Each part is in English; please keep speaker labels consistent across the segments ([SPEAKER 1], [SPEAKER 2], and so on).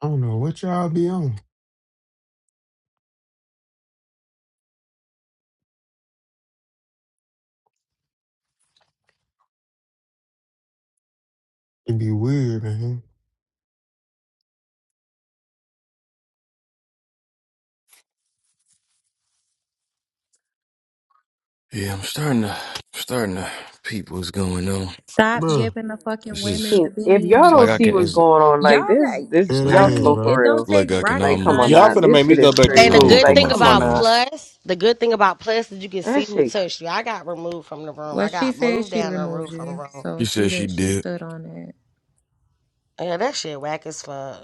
[SPEAKER 1] I don't know what y'all be on. It be weird, man.
[SPEAKER 2] Yeah, I'm starting to starting to peep what's going on.
[SPEAKER 3] Stop
[SPEAKER 1] Bruh,
[SPEAKER 3] giving the fucking
[SPEAKER 2] It's
[SPEAKER 3] women
[SPEAKER 2] just
[SPEAKER 4] mean,
[SPEAKER 3] the
[SPEAKER 4] if y'all
[SPEAKER 2] it's like
[SPEAKER 4] don't
[SPEAKER 2] I
[SPEAKER 3] beans.
[SPEAKER 4] see
[SPEAKER 2] can
[SPEAKER 4] what's
[SPEAKER 2] it's,
[SPEAKER 4] going on, like
[SPEAKER 3] Y'all
[SPEAKER 4] this,
[SPEAKER 3] got,
[SPEAKER 4] this
[SPEAKER 2] it's
[SPEAKER 1] dead
[SPEAKER 2] like
[SPEAKER 3] I
[SPEAKER 4] y'all
[SPEAKER 2] I can
[SPEAKER 1] ass,
[SPEAKER 4] slow
[SPEAKER 3] mean,
[SPEAKER 2] it's
[SPEAKER 4] for
[SPEAKER 1] bro.
[SPEAKER 3] it don't
[SPEAKER 4] real.
[SPEAKER 3] take
[SPEAKER 2] like I can
[SPEAKER 4] Like,
[SPEAKER 3] rocket
[SPEAKER 4] come on
[SPEAKER 2] almost
[SPEAKER 5] Y'all
[SPEAKER 4] now,
[SPEAKER 3] scientists
[SPEAKER 5] finna
[SPEAKER 3] to
[SPEAKER 4] this
[SPEAKER 5] make me
[SPEAKER 4] shit
[SPEAKER 3] see
[SPEAKER 5] go
[SPEAKER 4] is
[SPEAKER 3] what's
[SPEAKER 5] back to
[SPEAKER 6] And
[SPEAKER 3] going
[SPEAKER 6] the
[SPEAKER 2] now I'm
[SPEAKER 4] crazy.
[SPEAKER 2] gonna
[SPEAKER 5] school.
[SPEAKER 3] on.
[SPEAKER 6] good
[SPEAKER 2] put
[SPEAKER 4] Like,
[SPEAKER 6] thing
[SPEAKER 2] my
[SPEAKER 4] come on
[SPEAKER 2] finger
[SPEAKER 6] about
[SPEAKER 2] on
[SPEAKER 4] now,
[SPEAKER 2] it.
[SPEAKER 6] Plus, the good thing about Plus is you can
[SPEAKER 4] that
[SPEAKER 6] see who
[SPEAKER 4] shit. cr-
[SPEAKER 6] touched you. I got removed from the room.
[SPEAKER 3] Well,
[SPEAKER 6] I
[SPEAKER 3] she
[SPEAKER 6] got
[SPEAKER 3] said
[SPEAKER 6] moved
[SPEAKER 3] she
[SPEAKER 6] down and
[SPEAKER 3] removed
[SPEAKER 6] removed from the
[SPEAKER 3] you,
[SPEAKER 6] room.
[SPEAKER 3] so
[SPEAKER 2] She
[SPEAKER 3] she
[SPEAKER 2] said she
[SPEAKER 3] did. She
[SPEAKER 2] did.
[SPEAKER 3] stood on that.
[SPEAKER 6] Yeah, that shit whack as fuck.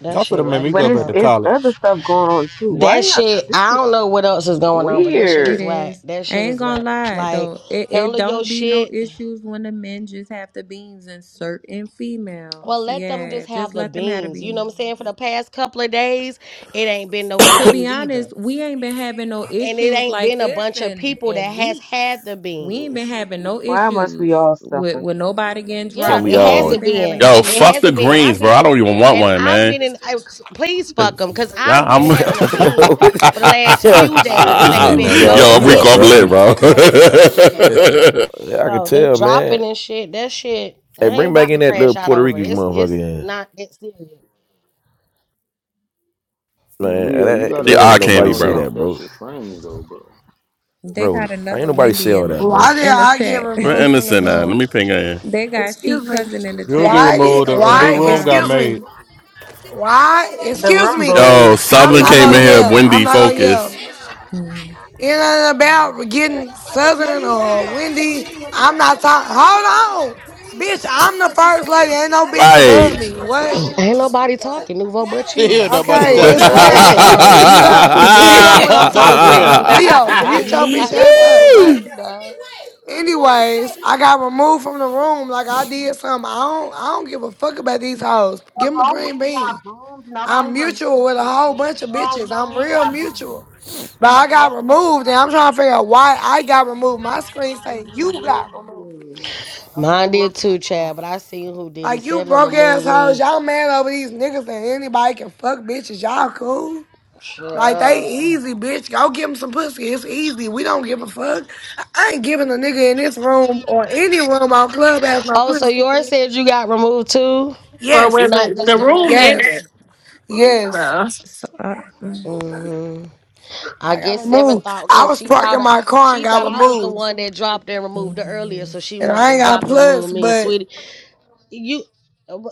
[SPEAKER 6] That
[SPEAKER 5] Y'all
[SPEAKER 6] shit
[SPEAKER 5] finna make
[SPEAKER 6] whack
[SPEAKER 5] me
[SPEAKER 4] But
[SPEAKER 5] go
[SPEAKER 6] as
[SPEAKER 5] back
[SPEAKER 4] it's
[SPEAKER 5] to
[SPEAKER 6] fuck.
[SPEAKER 4] it's other
[SPEAKER 5] college.
[SPEAKER 4] stuff going on too. Why
[SPEAKER 6] That
[SPEAKER 4] y'all?
[SPEAKER 6] shit,
[SPEAKER 4] This
[SPEAKER 6] I
[SPEAKER 4] is
[SPEAKER 6] don't know what else is going on, but that shit
[SPEAKER 3] It
[SPEAKER 6] is
[SPEAKER 4] weird.
[SPEAKER 6] whack.
[SPEAKER 3] is.
[SPEAKER 6] That
[SPEAKER 3] I
[SPEAKER 6] shit
[SPEAKER 3] ain't
[SPEAKER 6] is
[SPEAKER 3] gonna
[SPEAKER 6] whack.
[SPEAKER 3] lie
[SPEAKER 6] Like,
[SPEAKER 3] though. It it
[SPEAKER 6] handle your
[SPEAKER 3] don't be no
[SPEAKER 6] shit.
[SPEAKER 3] issues when the men just have the beans and certain females.
[SPEAKER 6] Well, let them
[SPEAKER 3] Yeah,
[SPEAKER 6] just have
[SPEAKER 3] just
[SPEAKER 6] the
[SPEAKER 3] let them have the
[SPEAKER 6] beans. You know what I'm saying?
[SPEAKER 3] beans.
[SPEAKER 6] For the past couple of days, it ain't been no
[SPEAKER 3] to be
[SPEAKER 6] issues either.
[SPEAKER 3] honest, we ain't been having no
[SPEAKER 6] And it
[SPEAKER 3] issues
[SPEAKER 6] ain't
[SPEAKER 3] like
[SPEAKER 6] been a
[SPEAKER 3] this
[SPEAKER 6] bunch of
[SPEAKER 3] in
[SPEAKER 6] people that
[SPEAKER 3] in
[SPEAKER 6] has
[SPEAKER 3] weeks.
[SPEAKER 6] had the
[SPEAKER 3] We ain't been
[SPEAKER 6] beans.
[SPEAKER 3] having no
[SPEAKER 4] Why must we
[SPEAKER 3] issues
[SPEAKER 4] all
[SPEAKER 3] with
[SPEAKER 4] suffer?
[SPEAKER 3] with nobody getting
[SPEAKER 7] Can
[SPEAKER 6] Yeah,
[SPEAKER 3] dropped.
[SPEAKER 7] we
[SPEAKER 6] it
[SPEAKER 3] No, we
[SPEAKER 7] all?
[SPEAKER 3] ain't
[SPEAKER 6] hasn't
[SPEAKER 3] been having
[SPEAKER 6] been.
[SPEAKER 3] that
[SPEAKER 8] Yo,
[SPEAKER 6] I-
[SPEAKER 3] shit.
[SPEAKER 6] It
[SPEAKER 8] fuck the
[SPEAKER 6] hasn't been, and I've
[SPEAKER 8] greens, bro.
[SPEAKER 6] been
[SPEAKER 8] I
[SPEAKER 6] on it,
[SPEAKER 8] don't even want
[SPEAKER 6] and
[SPEAKER 8] one,
[SPEAKER 6] I've
[SPEAKER 8] man.
[SPEAKER 6] been in. I, please fuck them, cause
[SPEAKER 8] Yeah,
[SPEAKER 6] I've been
[SPEAKER 8] I'm.
[SPEAKER 7] Yo,
[SPEAKER 6] having a bean
[SPEAKER 7] yo,
[SPEAKER 6] for the last
[SPEAKER 7] yo,
[SPEAKER 6] few
[SPEAKER 4] Yeah,
[SPEAKER 6] days,
[SPEAKER 4] that
[SPEAKER 6] and
[SPEAKER 7] this
[SPEAKER 4] shit is
[SPEAKER 6] ain't
[SPEAKER 2] Yeah, now
[SPEAKER 7] dude,
[SPEAKER 6] been
[SPEAKER 8] Yo,
[SPEAKER 2] y'all
[SPEAKER 4] crazy.
[SPEAKER 7] dog,
[SPEAKER 6] no
[SPEAKER 8] I'm
[SPEAKER 7] mute
[SPEAKER 2] come on
[SPEAKER 8] Rico.
[SPEAKER 7] up,
[SPEAKER 8] I'm
[SPEAKER 6] issues.
[SPEAKER 7] bro.
[SPEAKER 8] lit,
[SPEAKER 2] fucking
[SPEAKER 8] bro.
[SPEAKER 2] come on dog.
[SPEAKER 7] I can
[SPEAKER 6] No, they're
[SPEAKER 7] tell, man.
[SPEAKER 6] dropping and shit. That shit, I
[SPEAKER 7] Hey,
[SPEAKER 6] ain't
[SPEAKER 7] bring back
[SPEAKER 6] about
[SPEAKER 7] in
[SPEAKER 6] to
[SPEAKER 7] that little
[SPEAKER 6] crash out
[SPEAKER 7] Puerto
[SPEAKER 6] over.
[SPEAKER 7] Rican
[SPEAKER 6] it. It's
[SPEAKER 7] motherfucker,
[SPEAKER 6] it's not that serious.
[SPEAKER 9] Yo,
[SPEAKER 7] man.
[SPEAKER 9] Leo, you
[SPEAKER 7] That,
[SPEAKER 9] gotta
[SPEAKER 8] the
[SPEAKER 7] that
[SPEAKER 8] eye
[SPEAKER 7] ain't
[SPEAKER 9] stop
[SPEAKER 8] candy,
[SPEAKER 7] nobody
[SPEAKER 9] shouting
[SPEAKER 7] say
[SPEAKER 8] bro.
[SPEAKER 7] that,
[SPEAKER 9] out. That's
[SPEAKER 7] bro.
[SPEAKER 9] your friends, though, bro.
[SPEAKER 3] They
[SPEAKER 7] Bro,
[SPEAKER 3] got
[SPEAKER 7] ain't
[SPEAKER 3] another
[SPEAKER 7] nobody say
[SPEAKER 3] Wendy in
[SPEAKER 7] all
[SPEAKER 3] the
[SPEAKER 7] that,
[SPEAKER 10] Why
[SPEAKER 7] bro.
[SPEAKER 10] did
[SPEAKER 3] in the
[SPEAKER 10] I get
[SPEAKER 3] chat.
[SPEAKER 8] We're
[SPEAKER 10] removed from the
[SPEAKER 8] innocent now. Let
[SPEAKER 10] room?
[SPEAKER 8] me ping her in.
[SPEAKER 3] they got
[SPEAKER 10] Excuse
[SPEAKER 3] Sheik
[SPEAKER 10] me.
[SPEAKER 3] cousin in the
[SPEAKER 5] You don't get
[SPEAKER 3] chat.
[SPEAKER 10] Why did
[SPEAKER 5] removed. A, a
[SPEAKER 3] We're at
[SPEAKER 5] new
[SPEAKER 10] why
[SPEAKER 3] the
[SPEAKER 5] room got
[SPEAKER 3] bottom.
[SPEAKER 10] excuse me?
[SPEAKER 5] made.
[SPEAKER 10] Why
[SPEAKER 4] The
[SPEAKER 10] excuse
[SPEAKER 4] room
[SPEAKER 10] me?
[SPEAKER 8] Yo,
[SPEAKER 4] boom. The
[SPEAKER 10] I'm
[SPEAKER 8] Southern
[SPEAKER 10] not
[SPEAKER 4] room
[SPEAKER 8] came
[SPEAKER 10] gonna
[SPEAKER 8] in here.
[SPEAKER 4] boom.
[SPEAKER 10] yell. I'm
[SPEAKER 8] Wendy,
[SPEAKER 10] not gonna
[SPEAKER 8] focus.
[SPEAKER 10] yell.
[SPEAKER 3] Mhm.
[SPEAKER 10] In and about getting Southern or Wendy. I'm not talking. Hold on, bitch. I'm the first lady. Ain't no bitch
[SPEAKER 8] Right.
[SPEAKER 10] above me. What?
[SPEAKER 6] Ain't nobody talking, Nouveau, but
[SPEAKER 5] Here,
[SPEAKER 6] you.
[SPEAKER 5] nobody
[SPEAKER 4] Oh
[SPEAKER 10] Okay,
[SPEAKER 4] my
[SPEAKER 10] it's
[SPEAKER 5] talking.
[SPEAKER 4] god.
[SPEAKER 10] loud
[SPEAKER 6] Uh
[SPEAKER 10] though.
[SPEAKER 6] huh.
[SPEAKER 10] Mute
[SPEAKER 4] This shit
[SPEAKER 10] up.
[SPEAKER 4] is you
[SPEAKER 10] Mute up
[SPEAKER 4] know.
[SPEAKER 10] when
[SPEAKER 5] Her
[SPEAKER 10] I'm talking.
[SPEAKER 5] background.
[SPEAKER 10] Mute- Leo,
[SPEAKER 6] ain't
[SPEAKER 10] mute your bitch
[SPEAKER 6] nobody
[SPEAKER 10] ass up.
[SPEAKER 6] talking
[SPEAKER 8] Woo!
[SPEAKER 6] but
[SPEAKER 10] What?
[SPEAKER 6] you, dog.
[SPEAKER 10] Anyways, I got removed from the room like I did something. I don't I don't give a fuck about these hoes.
[SPEAKER 11] The
[SPEAKER 10] Give them a
[SPEAKER 11] whole
[SPEAKER 10] green
[SPEAKER 11] room got
[SPEAKER 10] bean.
[SPEAKER 11] boomed. Nobody
[SPEAKER 10] I'm
[SPEAKER 11] removed
[SPEAKER 10] mutual with a
[SPEAKER 11] you.
[SPEAKER 10] whole
[SPEAKER 11] The
[SPEAKER 10] bunch of
[SPEAKER 11] whole
[SPEAKER 10] bitches. I'm
[SPEAKER 11] room
[SPEAKER 10] real
[SPEAKER 11] got boomed.
[SPEAKER 10] mutual. But
[SPEAKER 11] The
[SPEAKER 10] I got
[SPEAKER 11] whole room
[SPEAKER 10] removed and
[SPEAKER 11] got
[SPEAKER 10] I'm trying to figure
[SPEAKER 11] boomed.
[SPEAKER 10] out why I got removed. My screen say
[SPEAKER 11] Nobody
[SPEAKER 10] you got
[SPEAKER 11] removed
[SPEAKER 10] removed.
[SPEAKER 11] you. The
[SPEAKER 6] Mine
[SPEAKER 11] whole room
[SPEAKER 6] did too,
[SPEAKER 11] got
[SPEAKER 6] Chad, but I seen who did it.
[SPEAKER 10] Like you
[SPEAKER 6] Seven
[SPEAKER 10] broke ass
[SPEAKER 6] removed
[SPEAKER 10] hoes.
[SPEAKER 6] me.
[SPEAKER 10] Y'all mad over these niggas and anybody can fuck bitches. Y'all cool. Like they
[SPEAKER 6] Child.
[SPEAKER 10] easy, bitch. Go give them some pussy. It's easy. We don't give a fuck. I ain't giving a nigga in this room or any room on club has no
[SPEAKER 6] Oh, so yours
[SPEAKER 10] pussy.
[SPEAKER 6] said you got removed too?
[SPEAKER 12] or
[SPEAKER 10] Yes,
[SPEAKER 6] Not
[SPEAKER 12] whether
[SPEAKER 6] just
[SPEAKER 12] the
[SPEAKER 6] the roof
[SPEAKER 12] room
[SPEAKER 6] ended.
[SPEAKER 12] ended.
[SPEAKER 10] yes, yes.
[SPEAKER 12] So
[SPEAKER 3] So, uh, mm
[SPEAKER 11] boomed.
[SPEAKER 6] hmm I
[SPEAKER 10] I got
[SPEAKER 6] guess Seven
[SPEAKER 10] removed.
[SPEAKER 6] thought
[SPEAKER 10] I
[SPEAKER 6] because
[SPEAKER 10] was
[SPEAKER 6] she thought
[SPEAKER 10] parking
[SPEAKER 6] I,
[SPEAKER 10] my car
[SPEAKER 6] she
[SPEAKER 10] and got
[SPEAKER 6] thought I was the
[SPEAKER 10] removed.
[SPEAKER 6] one that dropped and removed her earlier,
[SPEAKER 3] mhm.
[SPEAKER 6] so she
[SPEAKER 10] And
[SPEAKER 6] wanted
[SPEAKER 10] I ain't
[SPEAKER 6] to
[SPEAKER 10] got
[SPEAKER 6] drop and remove
[SPEAKER 10] plus,
[SPEAKER 6] me,
[SPEAKER 10] but
[SPEAKER 6] sweetie. you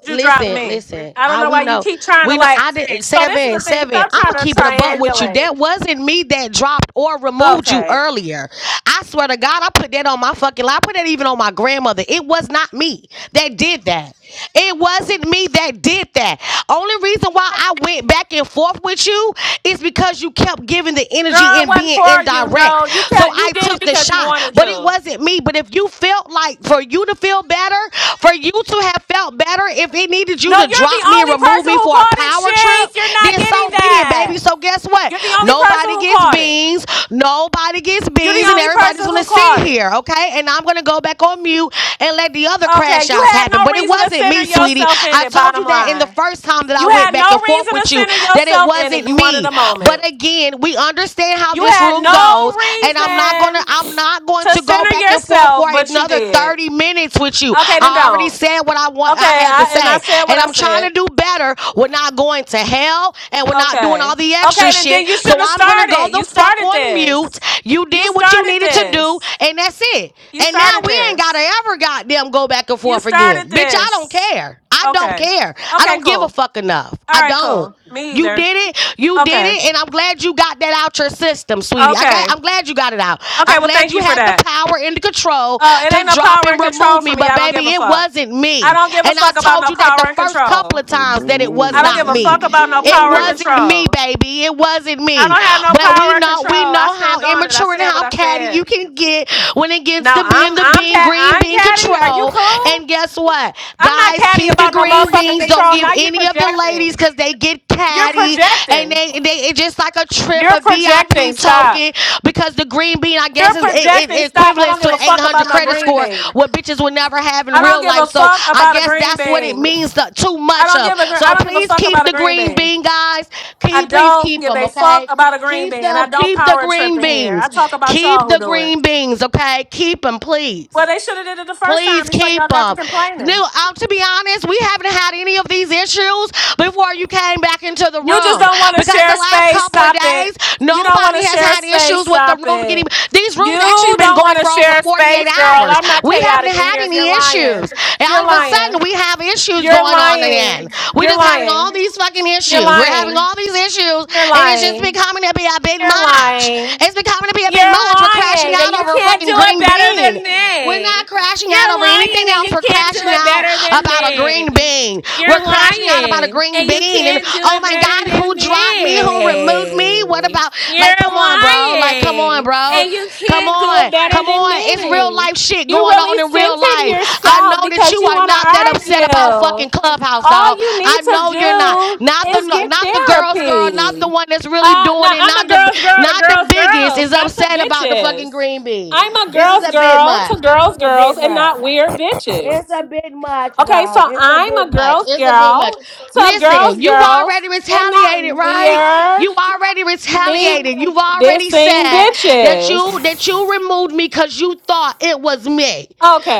[SPEAKER 12] you dropped
[SPEAKER 6] listen,
[SPEAKER 12] me.
[SPEAKER 6] listen.
[SPEAKER 12] I don't
[SPEAKER 6] I
[SPEAKER 12] know
[SPEAKER 6] we
[SPEAKER 12] why you
[SPEAKER 6] know,
[SPEAKER 12] keep trying to
[SPEAKER 6] we know.
[SPEAKER 12] like.
[SPEAKER 6] I did
[SPEAKER 12] So this is
[SPEAKER 6] seven,
[SPEAKER 12] the thing.
[SPEAKER 6] seven.
[SPEAKER 12] Stop
[SPEAKER 6] I'm
[SPEAKER 12] trying
[SPEAKER 6] gonna
[SPEAKER 12] to
[SPEAKER 6] keep it a buck with you.
[SPEAKER 12] triangulate.
[SPEAKER 6] That wasn't me that dropped or removed you
[SPEAKER 12] Okay,
[SPEAKER 6] earlier. I swear to God, I put that on my fucking. li- I put that even on my grandmother. It was not me that did that. It wasn't me that did that. Only reason why I went back and forth with you is because you kept giving the energy
[SPEAKER 12] girl, it
[SPEAKER 6] and
[SPEAKER 12] wasn't
[SPEAKER 6] being
[SPEAKER 12] for you.
[SPEAKER 6] indirect.
[SPEAKER 12] No, you
[SPEAKER 6] So
[SPEAKER 12] kept. You
[SPEAKER 6] I
[SPEAKER 12] did it
[SPEAKER 6] took the
[SPEAKER 12] because you
[SPEAKER 6] shot,
[SPEAKER 12] wanted
[SPEAKER 6] but it
[SPEAKER 12] to.
[SPEAKER 6] wasn't me. But if you you felt like for you to feel better, for you to have felt better, if it needed you
[SPEAKER 12] No,
[SPEAKER 6] to
[SPEAKER 12] you're the
[SPEAKER 6] drop me and
[SPEAKER 12] only
[SPEAKER 6] remove
[SPEAKER 12] person
[SPEAKER 6] me
[SPEAKER 12] who
[SPEAKER 6] for a
[SPEAKER 12] called it,
[SPEAKER 6] power trip,
[SPEAKER 12] Sheik. You're not
[SPEAKER 6] then
[SPEAKER 12] getting
[SPEAKER 6] so be it, baby.
[SPEAKER 12] that.
[SPEAKER 6] So guess what?
[SPEAKER 12] You're the only person
[SPEAKER 6] Nobody
[SPEAKER 12] who
[SPEAKER 6] gets
[SPEAKER 12] called it.
[SPEAKER 6] beans. Nobody gets
[SPEAKER 12] You're
[SPEAKER 6] beans,
[SPEAKER 12] the
[SPEAKER 6] and
[SPEAKER 12] only
[SPEAKER 6] everybody's
[SPEAKER 12] person
[SPEAKER 6] gonna
[SPEAKER 12] who
[SPEAKER 6] sit
[SPEAKER 12] called it.
[SPEAKER 6] here, okay? And I'm gonna go back on mute and let the other
[SPEAKER 12] Okay,
[SPEAKER 6] crash
[SPEAKER 12] you
[SPEAKER 6] outs
[SPEAKER 12] had
[SPEAKER 6] happen.
[SPEAKER 12] no
[SPEAKER 6] But it
[SPEAKER 12] reason to
[SPEAKER 6] wasn't
[SPEAKER 12] center
[SPEAKER 6] me, sweetie.
[SPEAKER 12] yourself in
[SPEAKER 6] I
[SPEAKER 12] it.
[SPEAKER 6] told you
[SPEAKER 12] Bottom
[SPEAKER 6] that in the
[SPEAKER 12] line,
[SPEAKER 6] first time that I
[SPEAKER 12] you
[SPEAKER 6] went
[SPEAKER 12] had
[SPEAKER 6] back
[SPEAKER 12] no
[SPEAKER 6] and forth
[SPEAKER 12] reason to
[SPEAKER 6] with you,
[SPEAKER 12] center
[SPEAKER 6] that it
[SPEAKER 12] yourself in it.
[SPEAKER 6] wasn't
[SPEAKER 12] You wanted
[SPEAKER 6] me.
[SPEAKER 12] a moment.
[SPEAKER 6] But again, we understand how
[SPEAKER 12] You
[SPEAKER 6] this room
[SPEAKER 12] had
[SPEAKER 6] room
[SPEAKER 12] no
[SPEAKER 6] goes, and I'm not gonna
[SPEAKER 12] reason
[SPEAKER 6] I'm not going
[SPEAKER 12] to
[SPEAKER 6] to go
[SPEAKER 12] center
[SPEAKER 6] back and forth for
[SPEAKER 12] yourself, but you
[SPEAKER 6] another
[SPEAKER 12] did.
[SPEAKER 6] 30 minutes with you.
[SPEAKER 12] Okay, then
[SPEAKER 6] I already
[SPEAKER 12] don't.
[SPEAKER 6] said what I want
[SPEAKER 12] Okay,
[SPEAKER 6] I had to
[SPEAKER 12] I and I
[SPEAKER 6] say.
[SPEAKER 12] said what
[SPEAKER 6] And
[SPEAKER 12] I
[SPEAKER 6] I'm trying to
[SPEAKER 12] said.
[SPEAKER 6] do better. We're not going to hell and we're not doing
[SPEAKER 12] Okay.
[SPEAKER 6] all the extra
[SPEAKER 12] Okay, then then
[SPEAKER 6] shit.
[SPEAKER 12] you
[SPEAKER 6] So
[SPEAKER 12] shouldn't have
[SPEAKER 6] I'm gonna go
[SPEAKER 12] started.
[SPEAKER 6] the
[SPEAKER 12] You
[SPEAKER 6] fuck
[SPEAKER 12] started
[SPEAKER 6] on mute.
[SPEAKER 12] this.
[SPEAKER 6] You
[SPEAKER 12] You
[SPEAKER 6] did what you
[SPEAKER 12] started
[SPEAKER 6] needed to do,
[SPEAKER 12] this.
[SPEAKER 6] and that's it.
[SPEAKER 12] You
[SPEAKER 6] And now
[SPEAKER 12] started
[SPEAKER 6] we ain't gotta
[SPEAKER 12] this.
[SPEAKER 6] ever goddamn go back and
[SPEAKER 12] You
[SPEAKER 6] forth again.
[SPEAKER 12] started
[SPEAKER 6] Bitch, I don't
[SPEAKER 12] this.
[SPEAKER 6] care. I don't
[SPEAKER 12] Okay.
[SPEAKER 6] care. I
[SPEAKER 12] Okay,
[SPEAKER 6] don't give a
[SPEAKER 12] cool.
[SPEAKER 6] fuck enough.
[SPEAKER 12] All
[SPEAKER 6] I
[SPEAKER 12] right,
[SPEAKER 6] don't.
[SPEAKER 12] cool. Me
[SPEAKER 6] You
[SPEAKER 12] either.
[SPEAKER 6] did it. You did
[SPEAKER 12] Okay.
[SPEAKER 6] it. And I'm glad you got that out your system, sweetie. I got
[SPEAKER 12] Okay.
[SPEAKER 6] I'm glad you got it out.
[SPEAKER 12] Okay,
[SPEAKER 6] I'm
[SPEAKER 12] well
[SPEAKER 6] glad
[SPEAKER 12] thank
[SPEAKER 6] you
[SPEAKER 12] you for
[SPEAKER 6] had the
[SPEAKER 12] that.
[SPEAKER 6] power and the control
[SPEAKER 12] Oh, it
[SPEAKER 6] to
[SPEAKER 12] ain't no
[SPEAKER 6] drop
[SPEAKER 12] power
[SPEAKER 6] and
[SPEAKER 12] and control
[SPEAKER 6] remove me.
[SPEAKER 12] for me.
[SPEAKER 6] But
[SPEAKER 12] I don't give
[SPEAKER 6] baby,
[SPEAKER 12] a
[SPEAKER 6] it
[SPEAKER 12] fuck.
[SPEAKER 6] wasn't
[SPEAKER 12] I
[SPEAKER 6] me.
[SPEAKER 12] don't give a
[SPEAKER 6] And I
[SPEAKER 12] fuck about
[SPEAKER 6] told
[SPEAKER 12] no
[SPEAKER 6] you that
[SPEAKER 12] power
[SPEAKER 6] the
[SPEAKER 12] and
[SPEAKER 6] first couple
[SPEAKER 12] control.
[SPEAKER 6] of
[SPEAKER 9] Yo,
[SPEAKER 6] times that
[SPEAKER 9] bring
[SPEAKER 6] it
[SPEAKER 9] Moon
[SPEAKER 6] was
[SPEAKER 12] I
[SPEAKER 9] up.
[SPEAKER 12] don't
[SPEAKER 6] not
[SPEAKER 12] give a
[SPEAKER 9] Bring
[SPEAKER 6] me.
[SPEAKER 12] fuck
[SPEAKER 9] them.
[SPEAKER 12] about
[SPEAKER 9] Bring
[SPEAKER 12] no
[SPEAKER 6] It
[SPEAKER 9] Moon
[SPEAKER 12] power or
[SPEAKER 9] up.
[SPEAKER 6] wasn't me,
[SPEAKER 12] control.
[SPEAKER 6] baby. It wasn't
[SPEAKER 12] I
[SPEAKER 6] me.
[SPEAKER 12] don't have no
[SPEAKER 6] But we
[SPEAKER 12] power or
[SPEAKER 6] know
[SPEAKER 12] control.
[SPEAKER 6] we
[SPEAKER 12] I
[SPEAKER 6] know how
[SPEAKER 12] stand on it. I
[SPEAKER 6] immature and
[SPEAKER 12] said what
[SPEAKER 6] how
[SPEAKER 12] I
[SPEAKER 6] catty you
[SPEAKER 12] said.
[SPEAKER 6] can get when it gets
[SPEAKER 12] Now
[SPEAKER 6] to being
[SPEAKER 12] I'm
[SPEAKER 6] the
[SPEAKER 12] I'm
[SPEAKER 6] being
[SPEAKER 12] Pat
[SPEAKER 6] green
[SPEAKER 12] I'm
[SPEAKER 6] being
[SPEAKER 12] catty. Are you
[SPEAKER 6] control.
[SPEAKER 12] cool?
[SPEAKER 6] And guess what?
[SPEAKER 12] I'm not
[SPEAKER 6] Guys, keep
[SPEAKER 12] catty
[SPEAKER 6] Keep the
[SPEAKER 12] about no
[SPEAKER 6] green
[SPEAKER 12] motherfucking
[SPEAKER 6] beans. Don't
[SPEAKER 12] control.
[SPEAKER 6] give
[SPEAKER 12] Now you're
[SPEAKER 6] any of the ladies
[SPEAKER 12] projecting.
[SPEAKER 6] because they get
[SPEAKER 12] You're
[SPEAKER 6] catty and
[SPEAKER 12] projecting.
[SPEAKER 6] they they it's just like a trip,
[SPEAKER 12] You're
[SPEAKER 6] a
[SPEAKER 12] projecting.
[SPEAKER 6] VIP
[SPEAKER 12] Stop.
[SPEAKER 6] token because the green bean I guess
[SPEAKER 12] You're
[SPEAKER 6] is it,
[SPEAKER 12] projecting.
[SPEAKER 6] it
[SPEAKER 12] Stop. I
[SPEAKER 6] equivalent
[SPEAKER 12] don't
[SPEAKER 6] to
[SPEAKER 12] give a fuck about
[SPEAKER 6] 800
[SPEAKER 12] no
[SPEAKER 6] credit
[SPEAKER 12] green
[SPEAKER 6] score
[SPEAKER 12] bean.
[SPEAKER 6] what bitches would never have in
[SPEAKER 12] I don't
[SPEAKER 6] real
[SPEAKER 12] give
[SPEAKER 6] life.
[SPEAKER 12] a
[SPEAKER 6] So
[SPEAKER 12] fuck
[SPEAKER 6] I
[SPEAKER 12] about a
[SPEAKER 6] guess
[SPEAKER 12] green
[SPEAKER 6] that's what it
[SPEAKER 12] bean.
[SPEAKER 6] means to, too
[SPEAKER 12] I
[SPEAKER 6] much
[SPEAKER 12] don't
[SPEAKER 6] of.
[SPEAKER 12] give a gr- I
[SPEAKER 6] So
[SPEAKER 12] don't give a
[SPEAKER 6] please
[SPEAKER 12] fuck
[SPEAKER 6] keep
[SPEAKER 12] about a
[SPEAKER 6] the
[SPEAKER 12] green
[SPEAKER 6] green
[SPEAKER 12] bean.
[SPEAKER 6] bean, guys.
[SPEAKER 12] I
[SPEAKER 6] Keep please
[SPEAKER 12] don't
[SPEAKER 6] keep
[SPEAKER 12] give
[SPEAKER 6] them,
[SPEAKER 12] a fuck
[SPEAKER 6] okay?
[SPEAKER 12] about a green
[SPEAKER 6] Keep
[SPEAKER 12] bean, and I
[SPEAKER 6] them.
[SPEAKER 12] don't
[SPEAKER 6] Keep the
[SPEAKER 12] power trip
[SPEAKER 6] green
[SPEAKER 12] in here. I
[SPEAKER 6] beans.
[SPEAKER 12] talk about y'all
[SPEAKER 6] Keep
[SPEAKER 12] who
[SPEAKER 6] the
[SPEAKER 12] do it.
[SPEAKER 6] green beans, okay? Keep them, please.
[SPEAKER 12] Well, they should have did it the first time
[SPEAKER 6] Please
[SPEAKER 12] before
[SPEAKER 6] keep
[SPEAKER 12] y'all got to
[SPEAKER 6] them. No,
[SPEAKER 12] complaining.
[SPEAKER 6] um, to be honest, we haven't had any of these issues before you came back into the
[SPEAKER 12] You just
[SPEAKER 6] room
[SPEAKER 12] don't want to
[SPEAKER 6] because the
[SPEAKER 12] share
[SPEAKER 6] last
[SPEAKER 12] space.
[SPEAKER 6] couple of
[SPEAKER 12] Stop it.
[SPEAKER 6] days,
[SPEAKER 12] You don't want
[SPEAKER 6] nobody
[SPEAKER 12] to
[SPEAKER 6] has
[SPEAKER 12] share
[SPEAKER 6] had
[SPEAKER 12] space.
[SPEAKER 6] issues with the
[SPEAKER 12] Stop
[SPEAKER 6] room getting.
[SPEAKER 12] it.
[SPEAKER 6] These rooms actually
[SPEAKER 12] You
[SPEAKER 6] been
[SPEAKER 12] don't
[SPEAKER 6] going
[SPEAKER 12] want to
[SPEAKER 6] for over
[SPEAKER 12] share
[SPEAKER 6] 48
[SPEAKER 12] space, girl.
[SPEAKER 6] hours.
[SPEAKER 12] I'm not
[SPEAKER 6] We haven't
[SPEAKER 12] chaotic in
[SPEAKER 6] had
[SPEAKER 12] here. You're
[SPEAKER 6] any
[SPEAKER 12] lying.
[SPEAKER 6] issues. And all
[SPEAKER 12] You're
[SPEAKER 6] of a
[SPEAKER 12] lying.
[SPEAKER 6] sudden, we have issues
[SPEAKER 12] You're
[SPEAKER 6] going on again.
[SPEAKER 12] lying.
[SPEAKER 6] We're
[SPEAKER 12] You're
[SPEAKER 6] just having
[SPEAKER 12] lying.
[SPEAKER 6] all these fucking
[SPEAKER 12] You're
[SPEAKER 6] issues. We're having
[SPEAKER 12] lying.
[SPEAKER 6] all these issues,
[SPEAKER 12] You're
[SPEAKER 6] and it's just
[SPEAKER 12] lying.
[SPEAKER 6] becoming to be a big
[SPEAKER 12] You're
[SPEAKER 6] match.
[SPEAKER 12] lying.
[SPEAKER 6] It's becoming to be a big
[SPEAKER 12] You're
[SPEAKER 6] match. We're crashing
[SPEAKER 12] lying and
[SPEAKER 6] out
[SPEAKER 12] you
[SPEAKER 6] over a
[SPEAKER 12] can't do
[SPEAKER 6] fucking
[SPEAKER 12] it
[SPEAKER 6] green
[SPEAKER 12] better
[SPEAKER 6] bean.
[SPEAKER 12] than
[SPEAKER 6] We're
[SPEAKER 12] me.
[SPEAKER 6] not crashing out
[SPEAKER 12] You're
[SPEAKER 6] over anything
[SPEAKER 12] lying and
[SPEAKER 6] else.
[SPEAKER 12] you
[SPEAKER 6] We're
[SPEAKER 12] can't do
[SPEAKER 6] crashing
[SPEAKER 12] it
[SPEAKER 6] out
[SPEAKER 12] better than
[SPEAKER 6] about a
[SPEAKER 12] me.
[SPEAKER 6] green bean. We're
[SPEAKER 12] You're
[SPEAKER 6] crashing out about a
[SPEAKER 12] lying
[SPEAKER 6] green
[SPEAKER 12] and you
[SPEAKER 6] bean. And
[SPEAKER 12] can't do
[SPEAKER 6] oh
[SPEAKER 12] it
[SPEAKER 6] my
[SPEAKER 12] better
[SPEAKER 6] God, who
[SPEAKER 12] than
[SPEAKER 6] dropped me? Who removed me?
[SPEAKER 12] me.
[SPEAKER 6] What about, like,
[SPEAKER 12] You're
[SPEAKER 6] come on, bro. Like, come on,
[SPEAKER 12] lying
[SPEAKER 6] bro.
[SPEAKER 12] and you
[SPEAKER 6] Come
[SPEAKER 12] can't do it
[SPEAKER 6] on.
[SPEAKER 12] better
[SPEAKER 6] Come
[SPEAKER 12] than
[SPEAKER 6] on. It's
[SPEAKER 12] me.
[SPEAKER 6] real life shit
[SPEAKER 12] You
[SPEAKER 6] going on
[SPEAKER 12] really
[SPEAKER 6] in real
[SPEAKER 12] censored
[SPEAKER 6] life. I
[SPEAKER 12] yourself
[SPEAKER 6] know that
[SPEAKER 12] because
[SPEAKER 6] you
[SPEAKER 12] you
[SPEAKER 6] are
[SPEAKER 12] want to
[SPEAKER 6] not that upset about
[SPEAKER 12] argue.
[SPEAKER 6] fucking Clubhouse,
[SPEAKER 12] All
[SPEAKER 6] dog.
[SPEAKER 12] you need
[SPEAKER 6] I
[SPEAKER 12] to
[SPEAKER 6] know you're not.
[SPEAKER 12] do
[SPEAKER 6] Not the
[SPEAKER 12] is
[SPEAKER 6] no,
[SPEAKER 12] get
[SPEAKER 6] not the girl's girl, not the
[SPEAKER 12] therapy.
[SPEAKER 6] one that's really
[SPEAKER 12] Uh, no,
[SPEAKER 6] doing it,
[SPEAKER 12] I'm
[SPEAKER 6] not
[SPEAKER 12] a
[SPEAKER 6] the
[SPEAKER 12] girl's girl to
[SPEAKER 6] not the
[SPEAKER 12] girls'
[SPEAKER 6] biggest
[SPEAKER 12] girls,
[SPEAKER 6] is
[SPEAKER 12] not to
[SPEAKER 6] upset about the fucking
[SPEAKER 12] bitches.
[SPEAKER 6] green bean.
[SPEAKER 12] I'm a
[SPEAKER 6] This is
[SPEAKER 12] girl's
[SPEAKER 6] a bit
[SPEAKER 12] girl
[SPEAKER 6] much.
[SPEAKER 12] to
[SPEAKER 6] This
[SPEAKER 12] girls'
[SPEAKER 6] is a
[SPEAKER 12] girls
[SPEAKER 6] bit
[SPEAKER 12] and
[SPEAKER 6] much.
[SPEAKER 12] not weird
[SPEAKER 6] It's
[SPEAKER 12] bitches.
[SPEAKER 6] a bit much,
[SPEAKER 12] Okay,
[SPEAKER 6] bro.
[SPEAKER 12] so
[SPEAKER 6] It's a
[SPEAKER 12] I'm a
[SPEAKER 6] bit much.
[SPEAKER 12] girl's
[SPEAKER 6] It's a bit much.
[SPEAKER 12] girl to
[SPEAKER 6] Listen,
[SPEAKER 12] girls'
[SPEAKER 6] you
[SPEAKER 12] girls
[SPEAKER 6] already
[SPEAKER 12] and not
[SPEAKER 6] retaliated, right?
[SPEAKER 12] weird,
[SPEAKER 6] You already
[SPEAKER 12] meek,
[SPEAKER 6] retaliated. You've already
[SPEAKER 12] dissing
[SPEAKER 6] said that you
[SPEAKER 12] bitches.
[SPEAKER 6] that you removed me because you thought it was me.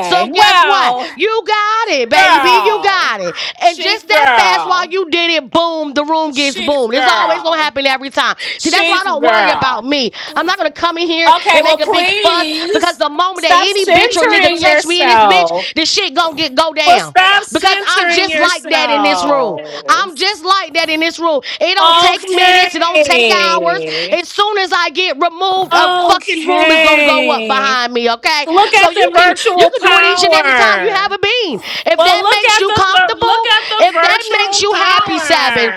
[SPEAKER 6] So guess what?
[SPEAKER 12] well,
[SPEAKER 6] You got it, baby. You
[SPEAKER 12] girl,
[SPEAKER 6] got it. And
[SPEAKER 12] chic
[SPEAKER 6] just that fast while
[SPEAKER 12] girl,
[SPEAKER 6] you did it, boom, the room gets
[SPEAKER 12] chic
[SPEAKER 6] boomed. It's always gonna
[SPEAKER 12] girl,
[SPEAKER 6] happen every time. See, that's why I
[SPEAKER 12] chic
[SPEAKER 6] don't worry
[SPEAKER 12] girl.
[SPEAKER 6] about me. I'm not gonna come in here
[SPEAKER 12] Okay,
[SPEAKER 6] and
[SPEAKER 12] well,
[SPEAKER 6] make a big fuss because
[SPEAKER 12] please
[SPEAKER 6] the moment that
[SPEAKER 12] stop
[SPEAKER 6] any bitch or nigga
[SPEAKER 12] centering
[SPEAKER 6] touch me in this
[SPEAKER 12] yourself.
[SPEAKER 6] bitch, this shit gonna get go
[SPEAKER 12] Well,
[SPEAKER 6] down.
[SPEAKER 12] stop
[SPEAKER 6] Because I'm
[SPEAKER 12] centering
[SPEAKER 6] just like that in this room.
[SPEAKER 12] yourself.
[SPEAKER 6] I'm just like that in this room. It don't take minutes. It don't take hours.
[SPEAKER 12] Okay.
[SPEAKER 6] As soon as I get removed, a fucking room is gonna go up
[SPEAKER 12] Okay.
[SPEAKER 6] behind me. Okay,
[SPEAKER 12] Look
[SPEAKER 6] so
[SPEAKER 12] at the
[SPEAKER 6] you can you
[SPEAKER 12] virtual
[SPEAKER 6] can do it each and every time you have
[SPEAKER 12] power.
[SPEAKER 6] a bean. If
[SPEAKER 12] Well,
[SPEAKER 6] that
[SPEAKER 12] look
[SPEAKER 6] makes
[SPEAKER 12] at
[SPEAKER 6] you
[SPEAKER 12] the, the look
[SPEAKER 6] comfortable,
[SPEAKER 12] at the
[SPEAKER 6] if that makes
[SPEAKER 12] virtual
[SPEAKER 6] you happy, Sabin,